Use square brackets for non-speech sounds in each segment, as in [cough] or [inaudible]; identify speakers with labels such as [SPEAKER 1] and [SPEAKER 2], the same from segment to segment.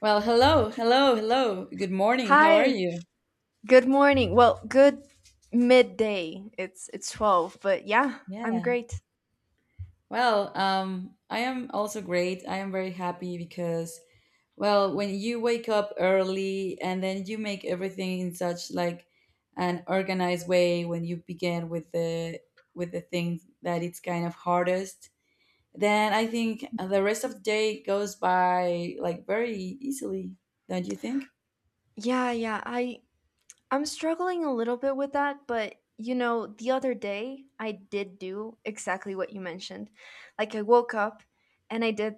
[SPEAKER 1] Well, hello, hello, hello. Good morning. How are
[SPEAKER 2] Hi,
[SPEAKER 1] you?
[SPEAKER 2] good morning. Well, good midday. It's 12, but yeah, I'm
[SPEAKER 1] Yeah.
[SPEAKER 2] great.
[SPEAKER 1] Well, I am also great. I am very happy because, well, when you wake up early and then you make everything in such like an organized way, when you begin with the thing that it's kind of hardest, then I think the rest of the day goes by like very easily, don't you think?
[SPEAKER 2] Yeah, yeah. I'm struggling a little bit with that, but you know, the other day I did do exactly what you mentioned. Like I woke up and I did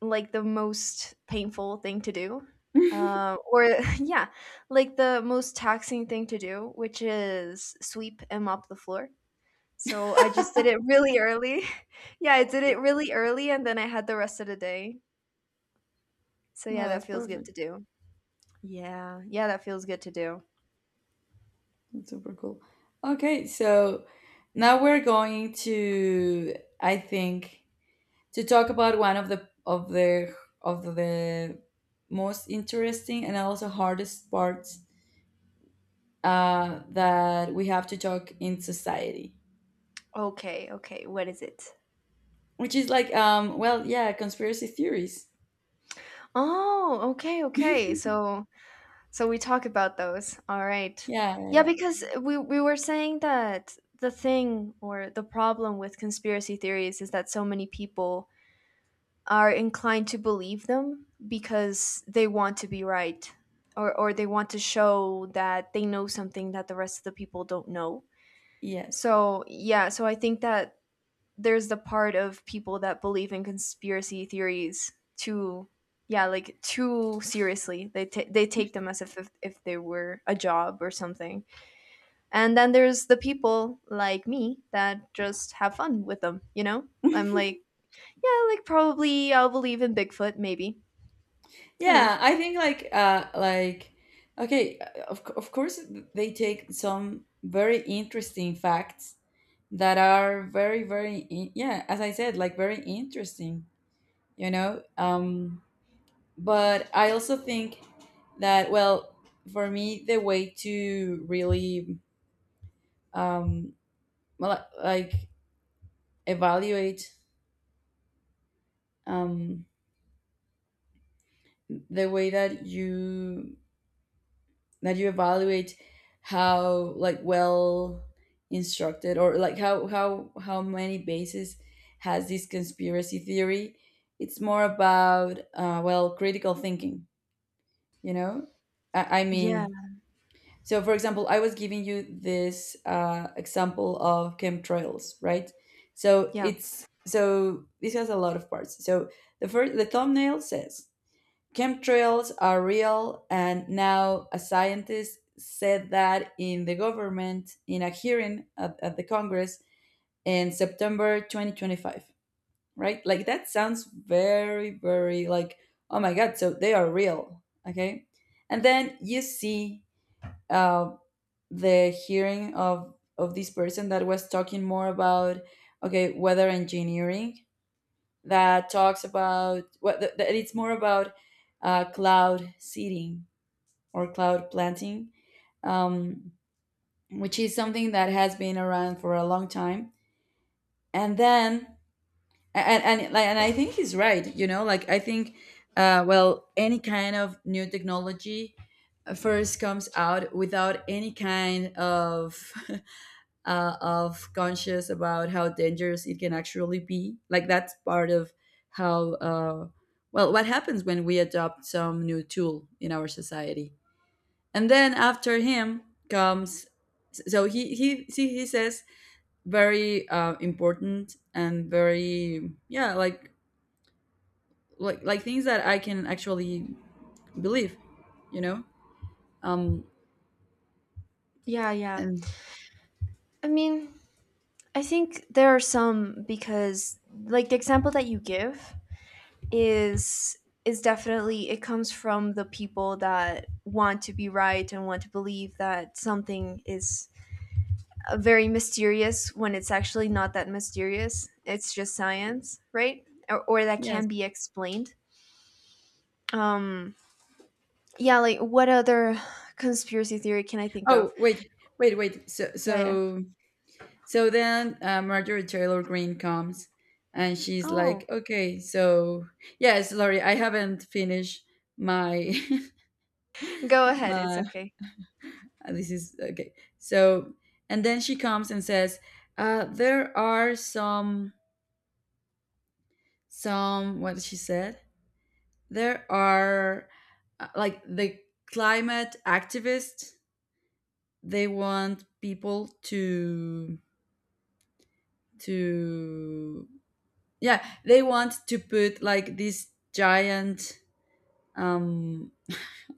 [SPEAKER 2] like the most painful thing to do.
[SPEAKER 1] [laughs]
[SPEAKER 2] Or [laughs] yeah, like the most taxing thing to do, which is sweep and mop the floor. So I just did it really early. [laughs] Yeah, I did it really early and then I had the rest of the day. So yeah,
[SPEAKER 1] No,
[SPEAKER 2] that
[SPEAKER 1] it's
[SPEAKER 2] feels good
[SPEAKER 1] perfect.
[SPEAKER 2] to do. Yeah. Yeah, that feels good to do.
[SPEAKER 1] That's super cool. Okay, so now we're going to, I think, to talk about one of the most interesting and also hardest parts that we have to talk in society,
[SPEAKER 2] Okay, okay. What is it?
[SPEAKER 1] which is like, well, yeah, conspiracy theories.
[SPEAKER 2] Oh, okay, okay. So so we talk about those. All right.
[SPEAKER 1] Yeah, yeah,
[SPEAKER 2] Yeah,
[SPEAKER 1] yeah.
[SPEAKER 2] because we were saying that the thing or the problem with conspiracy theories is that so many people are inclined to believe them because they want to be right or they want to show that they know something that the rest of the people don't know.
[SPEAKER 1] Yes.
[SPEAKER 2] So, yeah, so I think that there's the part of people that believe in conspiracy theories too yeah, like too seriously. They take them as if, if they were a job or something. And then there's the people like me that just have fun with them, you know?
[SPEAKER 1] [laughs]
[SPEAKER 2] I'm like, yeah, like probably I'll believe in Bigfoot maybe who
[SPEAKER 1] Yeah,
[SPEAKER 2] knows?
[SPEAKER 1] I think like okay, of course they take some very interesting facts that are very yeah, as I said, like very interesting, you know? But I also think that well, for me the way to really um well, like evaluate, um the way that you evaluate how like well instructed or like how many bases has this conspiracy theory, it's more about well, critical thinking, you know. I
[SPEAKER 2] Yeah.
[SPEAKER 1] mean, so for example, I was giving you this example of chemtrails, right? So
[SPEAKER 2] Yeah.
[SPEAKER 1] it's so this has a lot of parts. So the first, the thumbnail says Chemtrails are real, and now a scientist said that in the government in a hearing at the Congress in September 2025, right? Like that sounds very, very like, oh my God, so they are real, okay? And then you see uh, the hearing of this person that was talking more about, okay, weather engineering, that talks about, what, that it's more about cloud seeding or cloud planting, um, which is something that has been around for a long time. And then, and I think he's right. You know, like I think, well, any kind of new technology first comes out without any kind of [laughs] of conscious about how dangerous it can actually be. Like that's part of how well, what happens when we adopt some new tool in our society. And then after him comes, so he see he says very important and very, yeah, like like things that I can actually believe, you know. Um
[SPEAKER 2] Yeah, yeah.
[SPEAKER 1] and
[SPEAKER 2] I mean, I think there are some because like the example that you give is is definitely it comes from the people that want to be right and want to believe that something is very mysterious when it's actually not that mysterious. It's just science, right? Or that
[SPEAKER 1] yes.
[SPEAKER 2] can be explained. Um, yeah, like what other conspiracy theory can I think
[SPEAKER 1] Oh
[SPEAKER 2] of?
[SPEAKER 1] wait, wait. So
[SPEAKER 2] Yeah, yeah.
[SPEAKER 1] so so then, Marjorie Taylor Greene comes and she's like,
[SPEAKER 2] Oh,
[SPEAKER 1] okay, so yes, sorry, I haven't finished my [laughs]
[SPEAKER 2] go ahead. It's
[SPEAKER 1] my.
[SPEAKER 2] okay.
[SPEAKER 1] This is okay. So, and then she comes and says, "There are some, what she said. There are like the climate activists. They want people to, yeah. They want to put like this giant um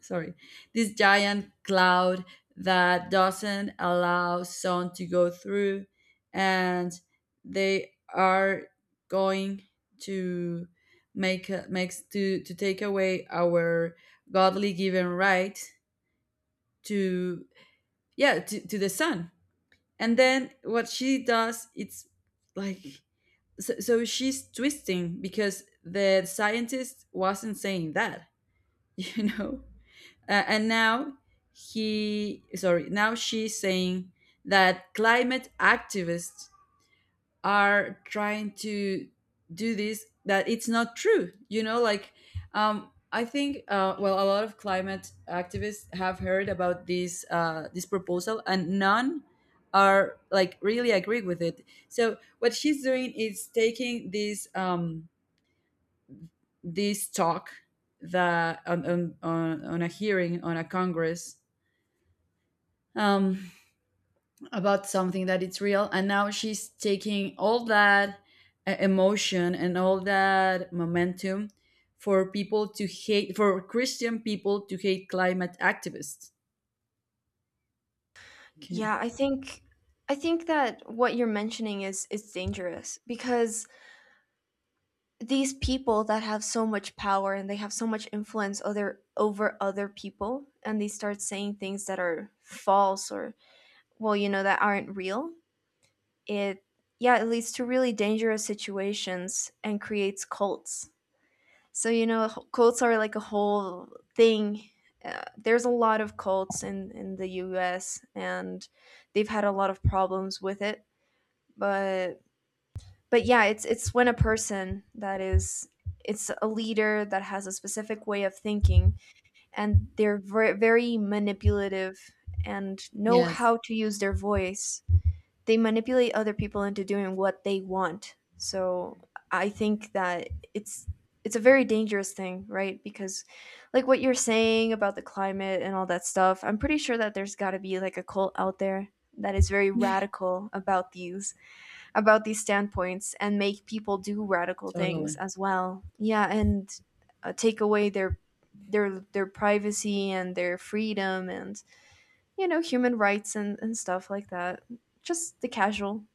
[SPEAKER 1] sorry, this giant cloud that doesn't allow sun to go through and they are going to makes to take away our godly given right to, yeah, to the sun. And then what she does, it's like, so, so she's twisting because the scientist wasn't saying that, [laughs] you know. And now he sorry now she's saying that climate activists are trying to do this, that it's not true, you know, like, I think, well, a lot of climate activists have heard about this, this proposal, and none are like really agree with it. So what she's doing is taking this, this talk that on on a hearing on a congress, um, about something that it's real, and now she's taking all that emotion and all that momentum for people to hate, for Christian people to hate climate activists, okay.
[SPEAKER 2] Yeah, I think that what you're mentioning is dangerous because these people that have so much power and they have so much influence other over other people and they start saying things that are false or well, you know, that aren't real. It yeah, it leads to really dangerous situations and creates cults. So, you know, cults are like a whole thing. There's a lot of cults in the US and they've had a lot of problems with it but but yeah it's when a person that is it's a leader that has a specific way of thinking and they're very manipulative and know
[SPEAKER 1] Yes,
[SPEAKER 2] how to use their voice. They manipulate other people into doing what they want, so I think that it's a very dangerous thing, right? Because like what you're saying about the climate and all that stuff, I'm pretty sure that there's got to be like a cult out there that is very radical about these standpoints and make people do radical things
[SPEAKER 1] totally.
[SPEAKER 2] as well. Yeah, and take away their privacy and their freedom and you know human rights and stuff like that. Just the casual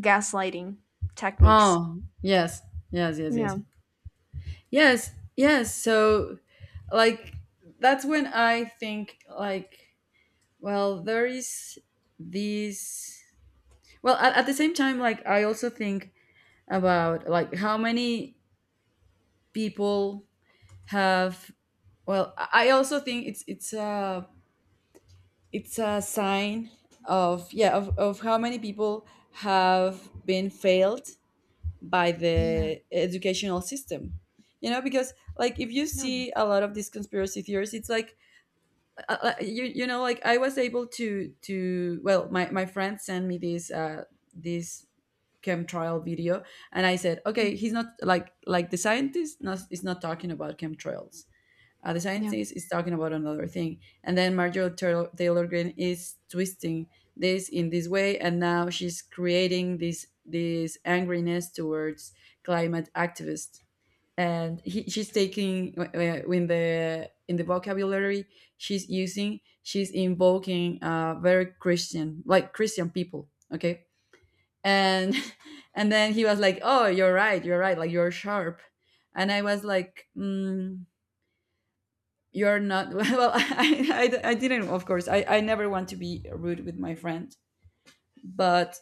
[SPEAKER 2] gaslighting techniques.
[SPEAKER 1] Oh yes, yes, yes, yes.
[SPEAKER 2] Yeah.
[SPEAKER 1] Yes, yes, so like, that's when I think like, well, there is this, well, at the same time, like I also think about like how many people have, well, I also think it's it's a sign of, yeah, of how many people have been failed by
[SPEAKER 2] Yeah.
[SPEAKER 1] the educational system, you know, because like if you
[SPEAKER 2] No.
[SPEAKER 1] see a lot of these conspiracy theories, it's like, you, you know, like I was able to, well, my friend sent me this, this chemtrail video, and I said
[SPEAKER 2] Mm,
[SPEAKER 1] okay, he's not like like the scientist not, is not talking about chemtrails. Uh, the
[SPEAKER 2] yeah.
[SPEAKER 1] scientist is talking about another thing, and then Marjorie Taylor Green is twisting this in this way, and now she's creating this, this angriness towards climate activists. And she's taking, in the vocabulary she's using, she's invoking, very Christian, like Christian people, okay. And [laughs] and then he was like, oh you're right, you're right, like you're sharp. And I was like, mm, you're not. [laughs] Well, I didn't, of course I never want to be rude with my friend." But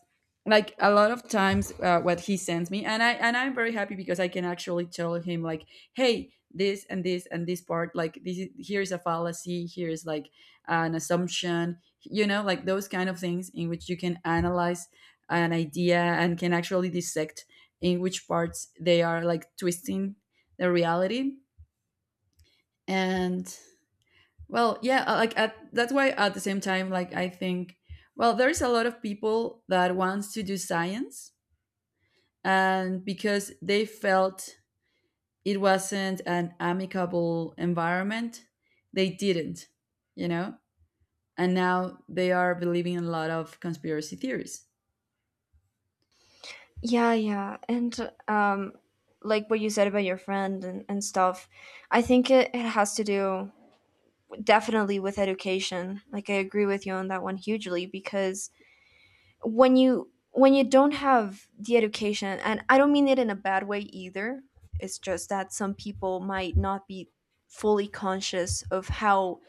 [SPEAKER 1] like a lot of times, what he sends me, and I'm very happy because I can actually tell him like, hey, this and this and this part, like this is, here's a fallacy, here's like an assumption, you know, like those kind of things in which you can analyze an idea and can actually dissect in which parts they are like twisting the reality. And well, yeah, like that's why at the same time, like I think, well, there's a lot of people that wants to do science, and because they felt it wasn't an amicable environment, they didn't, you know, and now they are believing in a lot of conspiracy theories.
[SPEAKER 2] Yeah, yeah. And um, like what you said about your friend and stuff, I think it, it has to do definitely with education. Like I agree with you on that one hugely because when you don't have the education, and I don't mean it in a bad way either, it's just that some people might not be fully conscious of how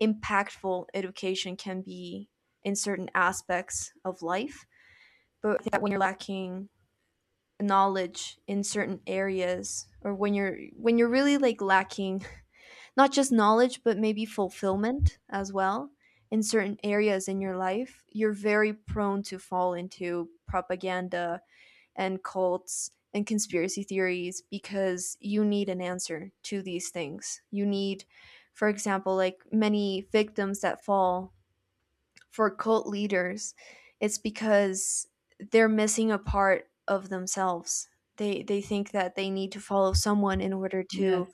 [SPEAKER 2] impactful education can be in certain aspects of life. But I think that when you're lacking knowledge in certain areas or when you're really like lacking not just knowledge, but maybe fulfillment as well in certain areas in your life, you're very prone to fall into propaganda and cults and conspiracy theories because you need an answer to these things. You need, for example, like many victims that fall for cult leaders, it's because they're missing a part of themselves. They think that they need to follow someone in order
[SPEAKER 1] Yes,
[SPEAKER 2] to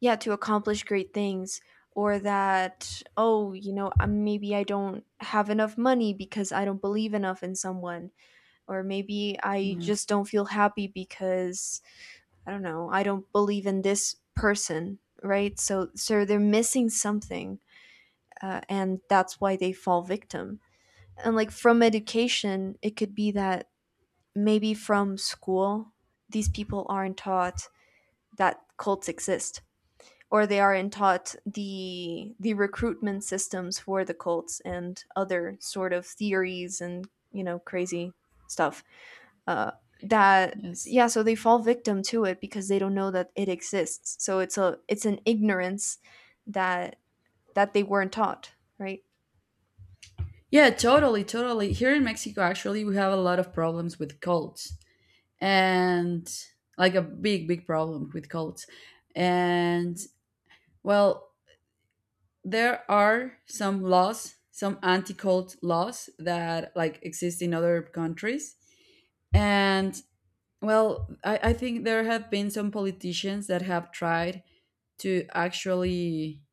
[SPEAKER 2] yeah to accomplish great things, or that oh you know maybe I don't have enough money because I don't believe enough in someone, or maybe I
[SPEAKER 1] yes,
[SPEAKER 2] just don't feel happy because I don't know I don't believe in this person, right? So so they're missing something and that's why they fall victim. And like from education it could be that maybe from school these people aren't taught that cults exist, or they are not taught the recruitment systems for the cults and other sort of theories and you know crazy stuff uh, that
[SPEAKER 1] yes.
[SPEAKER 2] yeah so they fall victim to it because they don't know that it exists, so it's a it's an ignorance that that they weren't taught, right?
[SPEAKER 1] Yeah, totally, totally. Here in Mexico, actually, we have a lot of problems with cults, and like a big, big problem with cults. And well, there are some laws, some anti-cult laws that like exist in other countries. And well, I think there have been some politicians that have tried to actually,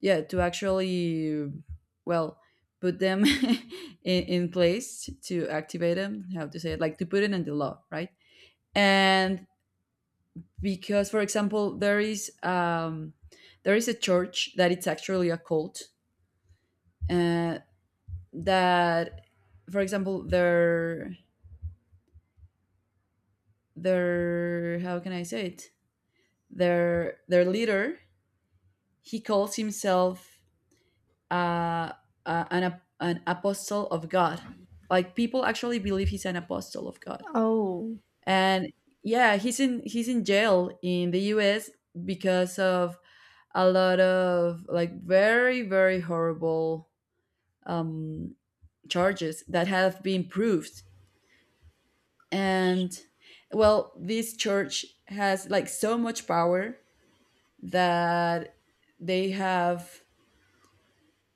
[SPEAKER 1] yeah, to actually, well, put them [laughs] in place to activate them, how to say it, like to put it in the law, right? And because, for example, there is, there is a church that it's actually a cult, uh, that, for example, their how can I say it their leader, he calls himself, uh, an apostle of God. Like people actually believe he's an apostle of God.
[SPEAKER 2] Oh.
[SPEAKER 1] And yeah, he's in jail in the US because of a lot of like very, very horrible, um charges that have been proved. And well, this church has like so much power that they have,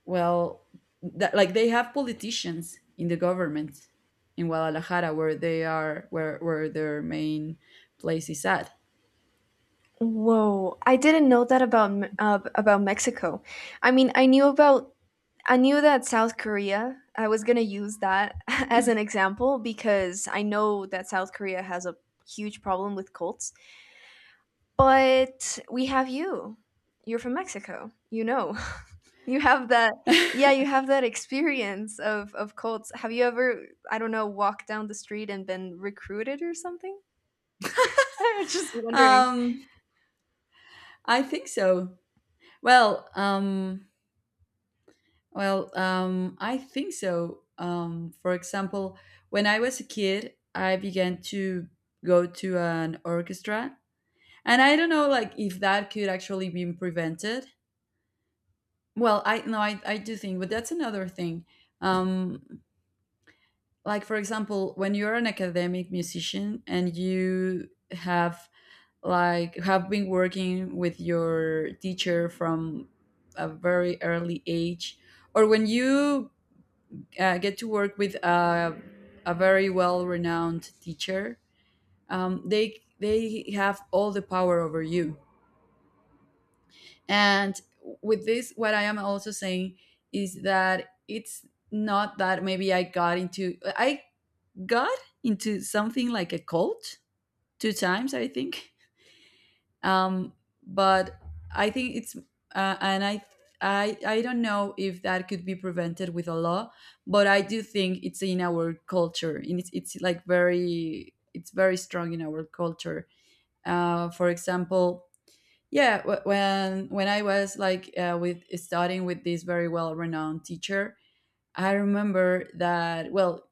[SPEAKER 1] well, that like they have politicians in the government in Guadalajara, where they are, where their main place is at.
[SPEAKER 2] Whoa, I didn't know that about about Mexico. I mean, I knew about I knew that South Korea. I was gonna use that [laughs] as an example because I know that South Korea has a huge problem with cults. But we have you. You're from Mexico. You know. [laughs] You have that yeah, you have that experience of cults. Have you ever, I don't know, walked down the street and been recruited or something? [laughs] I'm just
[SPEAKER 1] [laughs]
[SPEAKER 2] wondering.
[SPEAKER 1] um I think so. well um I think so. For example, when I was a kid, I began to go to an orchestra. And I don't know, like, if that could actually be prevented. Well, I no, I do think, but that's another thing. Um, like, for example, when you're an academic musician and you have like have been working with your teacher from a very early age, or when you, get to work with a very well renowned teacher, they have all the power over you. And with this, what I am also saying is that it's not that maybe I got into, I got into something like a cult two times, I think. Um, but I think it's, and I don't know if that could be prevented with a law, but I do think it's in our culture and it's like very, it's very strong in our culture. For example, yeah, when I was like, with studying with this very well renowned teacher, I remember that well,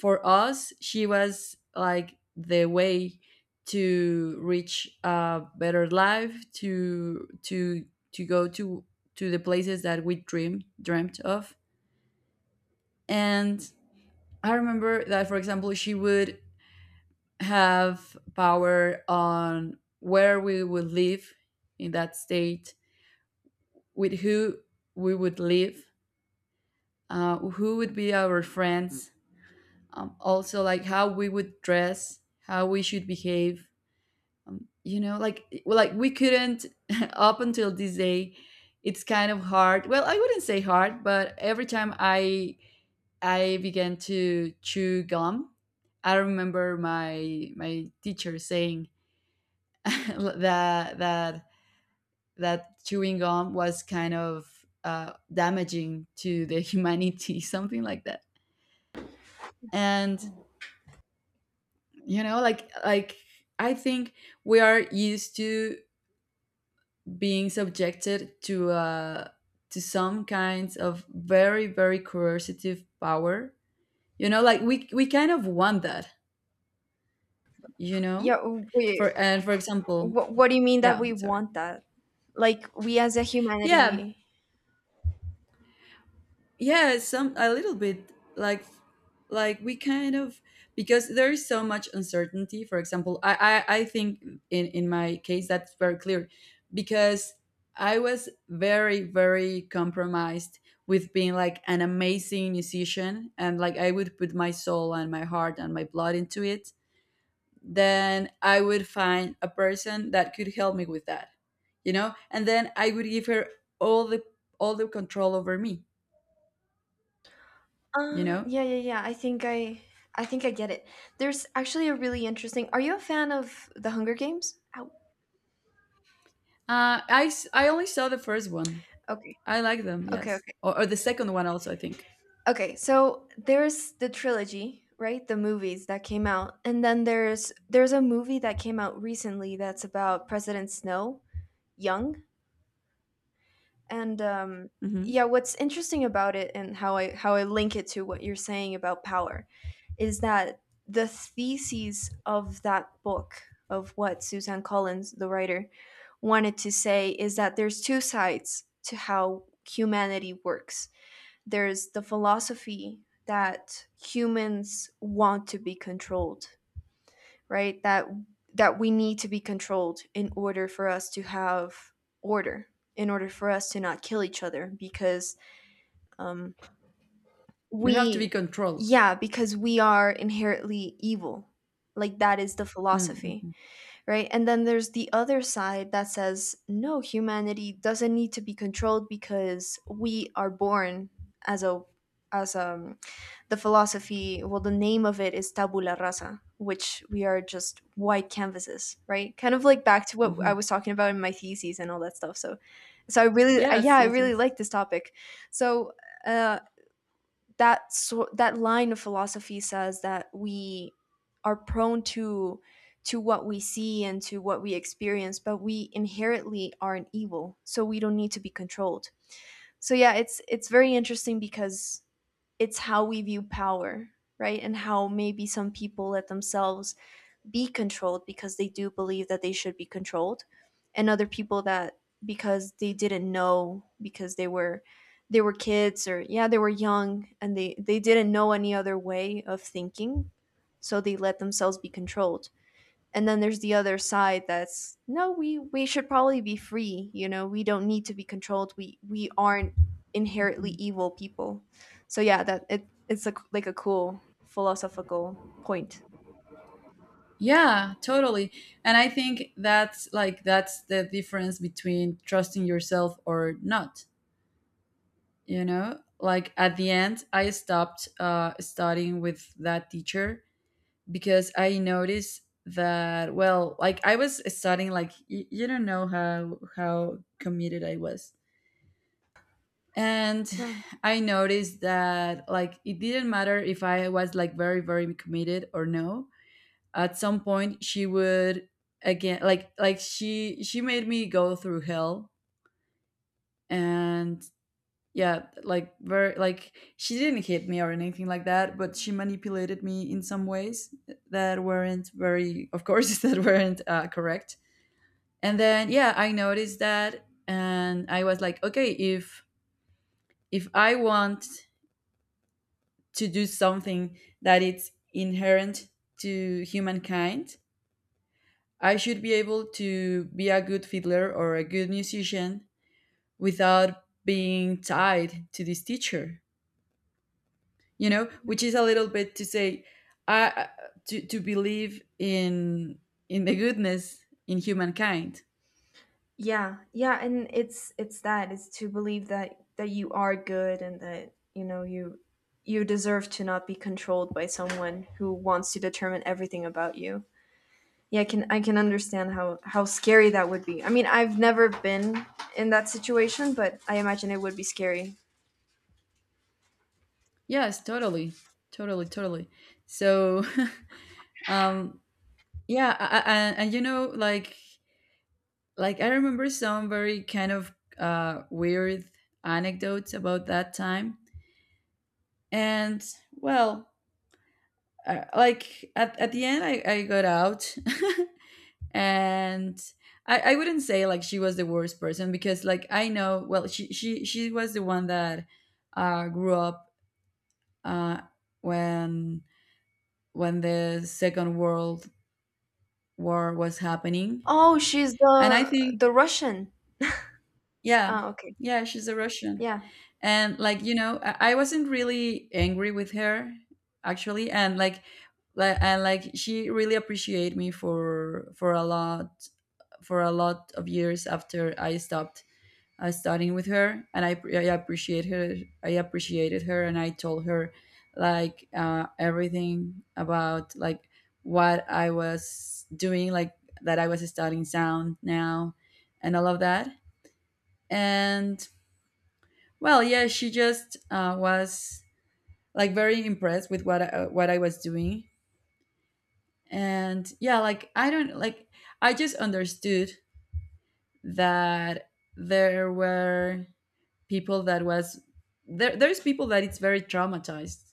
[SPEAKER 1] for us she was like the way to reach a better life, to go to the places that we dreamt of. And I remember that, for example, she would have power on where we would live, in that state, with who we would live, who would be our friends, also like how we would dress, how we should behave. You know, like well, like we couldn't. [laughs] Up until this day, it's kind of hard. Well, I wouldn't say hard, but every time I began to chew gum, I remember my, my teacher saying [laughs] that that that chewing gum was kind of, damaging to the humanity, [laughs] something like that. And you know, like, I think we are used to being subjected to, to some kinds of very, very coercive power. You know, like we kind of want that. You know,
[SPEAKER 2] Yeah, wait.
[SPEAKER 1] for, and for example,
[SPEAKER 2] What do you mean that
[SPEAKER 1] yeah,
[SPEAKER 2] we
[SPEAKER 1] sorry.
[SPEAKER 2] want that? Like we as a
[SPEAKER 1] Yeah,
[SPEAKER 2] humanity.
[SPEAKER 1] yeah, some, a little bit, like, we kind of, because there is so much uncertainty. For example, I think in my case that's very clear, because I was very very compromised with being like an amazing musician, and like I would put my soul and my heart and my blood into it. Then I would find a person that could help me with that. And then I would give her all the all the control over me you know
[SPEAKER 2] Yeah, yeah, yeah. I think I get it. There's actually a really interesting. Are you a fan of the Hunger Games? Ow.
[SPEAKER 1] I only saw the first one.
[SPEAKER 2] Okay,
[SPEAKER 1] I like them,
[SPEAKER 2] okay,
[SPEAKER 1] yes,
[SPEAKER 2] okay,
[SPEAKER 1] or the second one also, I think.
[SPEAKER 2] okay. So there's the trilogy, right? The movies that came out, and then there's a movie that came out recently that's about President Snow, young, and
[SPEAKER 1] Hmm.
[SPEAKER 2] yeah, what's interesting about it and how I how I link it to what you're saying about power is that the thesis of that book, of what Suzanne Collins the writer wanted to say, is that there's two sides to how humanity works. There's the philosophy that humans want to be controlled, right? That that we need to be controlled in order for us to have order, in order for us to not kill each other because um
[SPEAKER 1] You have to be
[SPEAKER 2] we
[SPEAKER 1] controlled.
[SPEAKER 2] yeah because we are inherently evil. Like that is the
[SPEAKER 1] Mm.
[SPEAKER 2] philosophy,
[SPEAKER 1] Mm-hmm.
[SPEAKER 2] right? And then there's the other side that says, no, humanity doesn't need to be controlled because we are born as a as um, the philosophy, well, the name of it is tabula rasa, which we are just white canvases, right? Kind of like back to what I
[SPEAKER 1] Hmm.
[SPEAKER 2] was talking about in my theses and all that stuff. So so I really I, yeah,
[SPEAKER 1] Yes,
[SPEAKER 2] I
[SPEAKER 1] yes,
[SPEAKER 2] really
[SPEAKER 1] yes.
[SPEAKER 2] like this topic. So uh, that so that line of philosophy says that we are prone to what we see and to what we experience, but we inherently are an evil, so we don't need to be controlled. So yeah, it's very interesting because it's how we view power, right? And how maybe some people let themselves be controlled because they do believe that they should be controlled, and other people that because they didn't know, because they were kids, or yeah they were young and they didn't know any other way of thinking, so they let themselves be controlled. And then there's the other side that's no, we we should probably be free, you know, we don't need to be controlled, we aren't inherently evil people. So yeah, that it it's a, like a cool philosophical point.
[SPEAKER 1] Yeah, totally. And I think that's like, that's the difference between trusting yourself or not. You know, like at the end, I stopped studying with that teacher, because I noticed that, well, like I was studying like you don't know how committed I was. And
[SPEAKER 2] Yeah.
[SPEAKER 1] I noticed that, like, it didn't matter if I was like very very committed or no, at some point she would, again, like she made me go through hell. And yeah, like, very, like, she didn't hit me or anything like that, but she manipulated me in some ways that weren't very, of course, [laughs] that weren't correct. And then yeah, I noticed that, and I was like, okay, if I want to do something that it's inherent to humankind, I should be able to be a good fiddler or a good musician without being tied to this teacher, you know, which is a little bit to say, I to believe in the goodness in humankind.
[SPEAKER 2] Yeah, yeah, and it's that it's to believe that that you are good and that you know you you deserve to not be controlled by someone who wants to determine everything about you. Yeah, I can understand how scary that would be. I mean, I've never been in that situation, but I imagine it would be scary.
[SPEAKER 1] Yes, totally, totally, totally. So, [laughs] um, yeah. I, and, you know, like I remember some very kind of weird anecdotes about that time. And well, like at the end, I got out, [laughs] and I wouldn't say like she was the worst person, because, like, I know, well, she was the one that grew up uh, when the Second World War was happening.
[SPEAKER 2] Oh, she's
[SPEAKER 1] And I think,
[SPEAKER 2] the Russian.
[SPEAKER 1] yeah,
[SPEAKER 2] Oh, okay.
[SPEAKER 1] yeah, she's a Russian.
[SPEAKER 2] Yeah.
[SPEAKER 1] And like, you know, I wasn't really angry with her, actually. And like, she really appreciated me for for a lot of years after I stopped studying with her. And I appreciated her, and I told her, like, everything about, like, what I was doing, like, that I was studying sound now and all of that. And well, yeah, she just was like very impressed with what I was doing. And yeah, like, I don't like, I just understood that there were people that was, there there's people that it's very traumatized,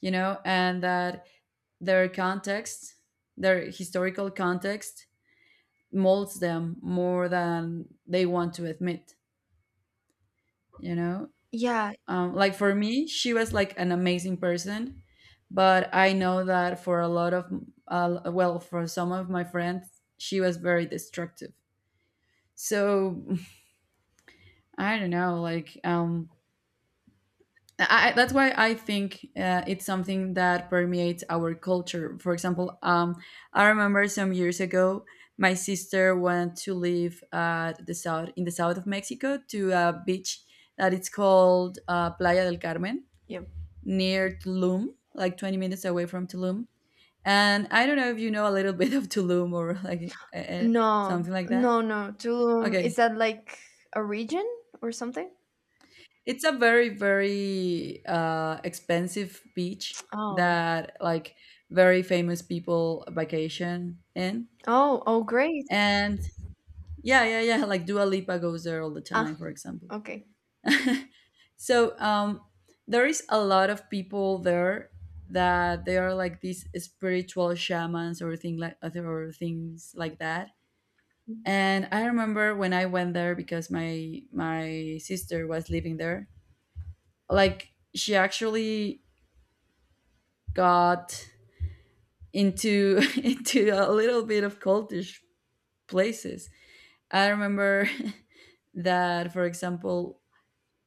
[SPEAKER 1] you know, and that their context, their historical context molds them more than they want to admit, you know?
[SPEAKER 2] Yeah.
[SPEAKER 1] Like, for me, she was like an amazing person, but I know that for a lot of, for some of my friends, she was very destructive. So [laughs] I don't know, like, that's why I think it's something that permeates our culture. For example, I remember some years ago, my sister went to live at the south, in the south of Mexico, to a beach that it's called Playa del Carmen,
[SPEAKER 2] Yeah.
[SPEAKER 1] near Tulum, like 20 minutes away from Tulum. And I don't know if you know a little [laughs] bit of Tulum or like,
[SPEAKER 2] No.
[SPEAKER 1] something like that.
[SPEAKER 2] No, no. Tulum
[SPEAKER 1] Okay.
[SPEAKER 2] is that like a region or something?
[SPEAKER 1] It's a very, very expensive beach
[SPEAKER 2] Oh.
[SPEAKER 1] that, like, very famous people vacation in.
[SPEAKER 2] Oh, oh, great.
[SPEAKER 1] And yeah, yeah, yeah. Like Dua Lipa goes there all the time,
[SPEAKER 2] Ah,
[SPEAKER 1] for example.
[SPEAKER 2] okay.
[SPEAKER 1] [laughs] So, there is a lot of people there that they are like these spiritual shamans, or thing like other, or things like that.
[SPEAKER 2] Mm,
[SPEAKER 1] And I remember when I went there because my sister was living there. Like, she actually got into [laughs] into a little bit of cultish places. I remember [laughs] that, for example,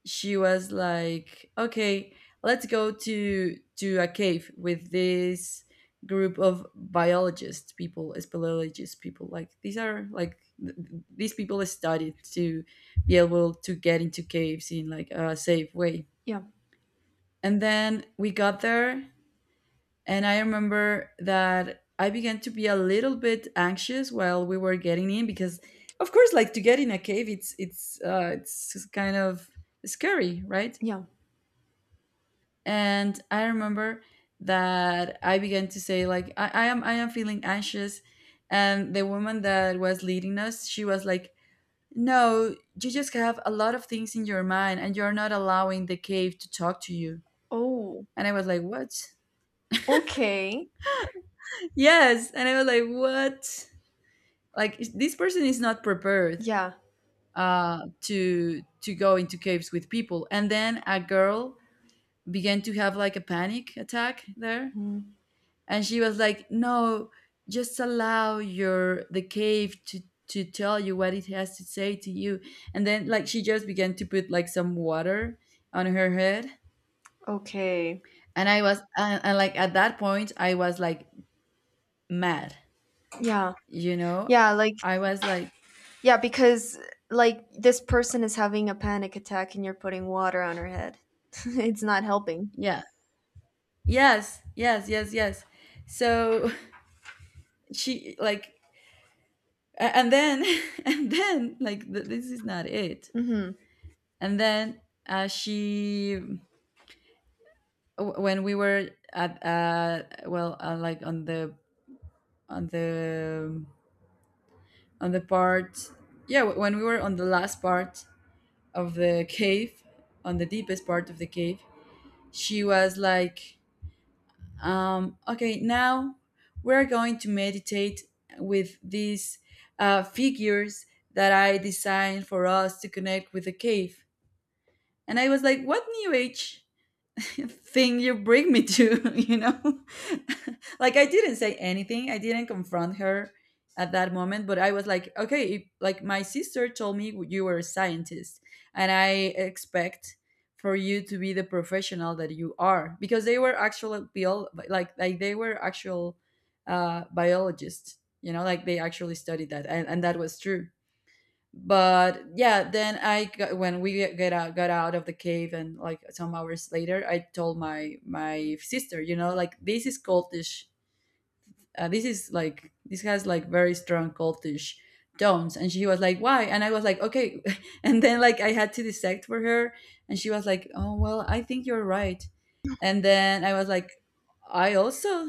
[SPEAKER 1] she was like, "Okay, let's go to a cave with this group of biologists people, speleologists people. Like, these are like these people studied to be able to get into caves in, like, a safe way."
[SPEAKER 2] yeah,
[SPEAKER 1] And then we got there, and I remember that I began to be a little bit anxious while we were getting in because, of course, like, to get in a cave, it's it's kind of scary, right?
[SPEAKER 2] yeah.
[SPEAKER 1] And I remember that I began to say, like, I am feeling anxious. And the woman that was leading us, she was like, "No, you just have a lot of things in your mind, and you're not allowing the cave to talk to you."
[SPEAKER 2] Oh,
[SPEAKER 1] And I was like, "What?"
[SPEAKER 2] okay.
[SPEAKER 1] [laughs] Yes. And I was like, what, like, this person is not prepared
[SPEAKER 2] Yeah.
[SPEAKER 1] to go into caves with people. And then a girl began to have like a panic attack there,
[SPEAKER 2] Mm.
[SPEAKER 1] and she was like, "No, just allow your the cave to tell you what it has to say to you." And then, like, she just began to put like some water on her head.
[SPEAKER 2] Okay.
[SPEAKER 1] And like at that point, I was like mad,
[SPEAKER 2] Yeah.
[SPEAKER 1] you know.
[SPEAKER 2] Yeah, like
[SPEAKER 1] I was like,
[SPEAKER 2] yeah, because like this person is having a panic attack and you're putting water on her head. [laughs] It's not helping.
[SPEAKER 1] yeah, yes, yes, yes, yes. So [laughs] she, like, and then [laughs] and then, like, this is not it.
[SPEAKER 2] Mm-hmm.
[SPEAKER 1] And then she, when we were at, well, like on the on the on the part, yeah, when we were on the last part of the cave, on the deepest part of the cave, she was like, "Okay, now we're going to meditate with these figures that I designed for us to connect with the cave." And I was like, what new age [laughs] thing you bring me to, [laughs] you know? [laughs] Like, I didn't say anything. I didn't confront her at that moment, but I was like, okay, if, like, my sister told me you were a scientist, and I expect for you to be the professional that you are, because they were actual like they were actual biologists, you know, like, they actually studied that, and, that was true. But yeah, then when we get out got out of the cave, and like some hours later, I told my sister, you know, like, this is cultish. This is like, this has like very strong cultish tones. And she was like, why? And I was like, okay, [laughs] and then, like, I had to dissect for her. And she was like, oh well, I think you're right. And then I was like, I also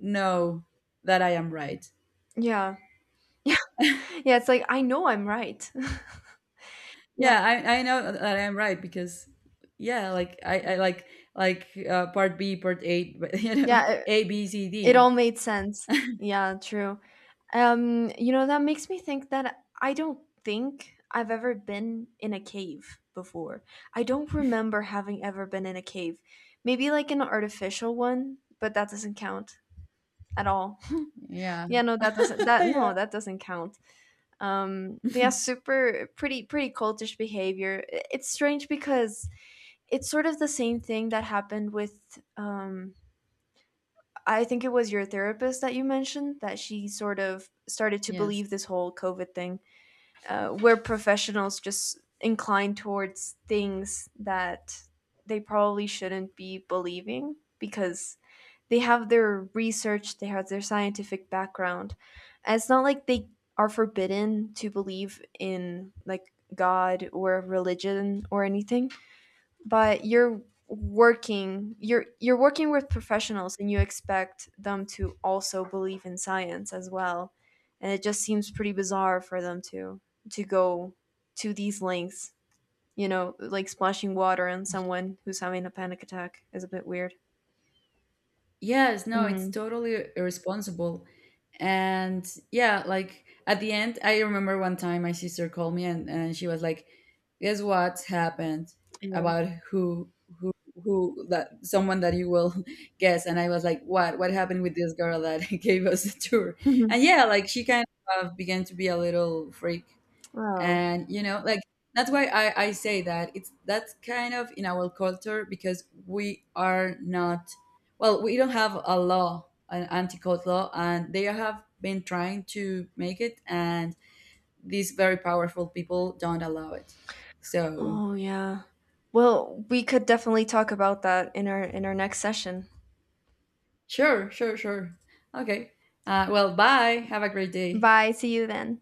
[SPEAKER 1] know that I am right.
[SPEAKER 2] Yeah. [laughs] Yeah, it's like I know I'm right. [laughs] Yeah.
[SPEAKER 1] Yeah, I know that I'm right because, yeah, like, I
[SPEAKER 2] Yeah.
[SPEAKER 1] like, part b, part eight, but [laughs] you know,
[SPEAKER 2] Yeah,
[SPEAKER 1] a b c
[SPEAKER 2] it
[SPEAKER 1] d.
[SPEAKER 2] all made sense. Yeah, true. You know, that makes me think that I don't think I've ever been in a cave before. I don't remember having ever been in a cave. Maybe like an artificial one, but that doesn't count at all. [laughs]
[SPEAKER 1] Yeah.
[SPEAKER 2] Yeah, no, that doesn't
[SPEAKER 1] [laughs]
[SPEAKER 2] that
[SPEAKER 1] Yeah.
[SPEAKER 2] no, that doesn't count. But yeah,
[SPEAKER 1] [laughs]
[SPEAKER 2] super pretty pretty cultish behavior. It's strange because it's sort of the same thing that happened with um, I think it was your therapist that you mentioned, that she sort of started to
[SPEAKER 1] Yes.
[SPEAKER 2] believe this whole COVID thing, where professionals just incline towards things that they probably shouldn't be believing because they have their research, they have their scientific background. And it's not like they are forbidden to believe in like God or religion or anything, but you're working with professionals and you expect them to also believe in science as well, and it just seems pretty bizarre for them to go to these lengths. You know, like splashing water on someone who's having a panic attack is a bit weird.
[SPEAKER 1] Yes, no, it's
[SPEAKER 2] Mm,
[SPEAKER 1] totally irresponsible. And yeah, like at the end, I remember one time my sister called me, and, she was like, "Guess what happened,
[SPEAKER 2] yeah.
[SPEAKER 1] about who who, that someone that you will [laughs] guess?" And I was like, "What? What happened with this girl that [laughs] gave us the tour?" And
[SPEAKER 2] [laughs]
[SPEAKER 1] yeah, like, she kind of began to be a little freak.
[SPEAKER 2] Oh.
[SPEAKER 1] And you know, like, that's why I say that it's that's kind of in our culture, because we are not, well, we don't have a law an anti-cult law, and they have been trying to make it, and these very powerful people don't allow it. So,
[SPEAKER 2] Oh yeah, well, we could definitely talk about that in our next session.
[SPEAKER 1] sure, sure, sure. Okay. Well, bye, have a great day.
[SPEAKER 2] Bye, see you then.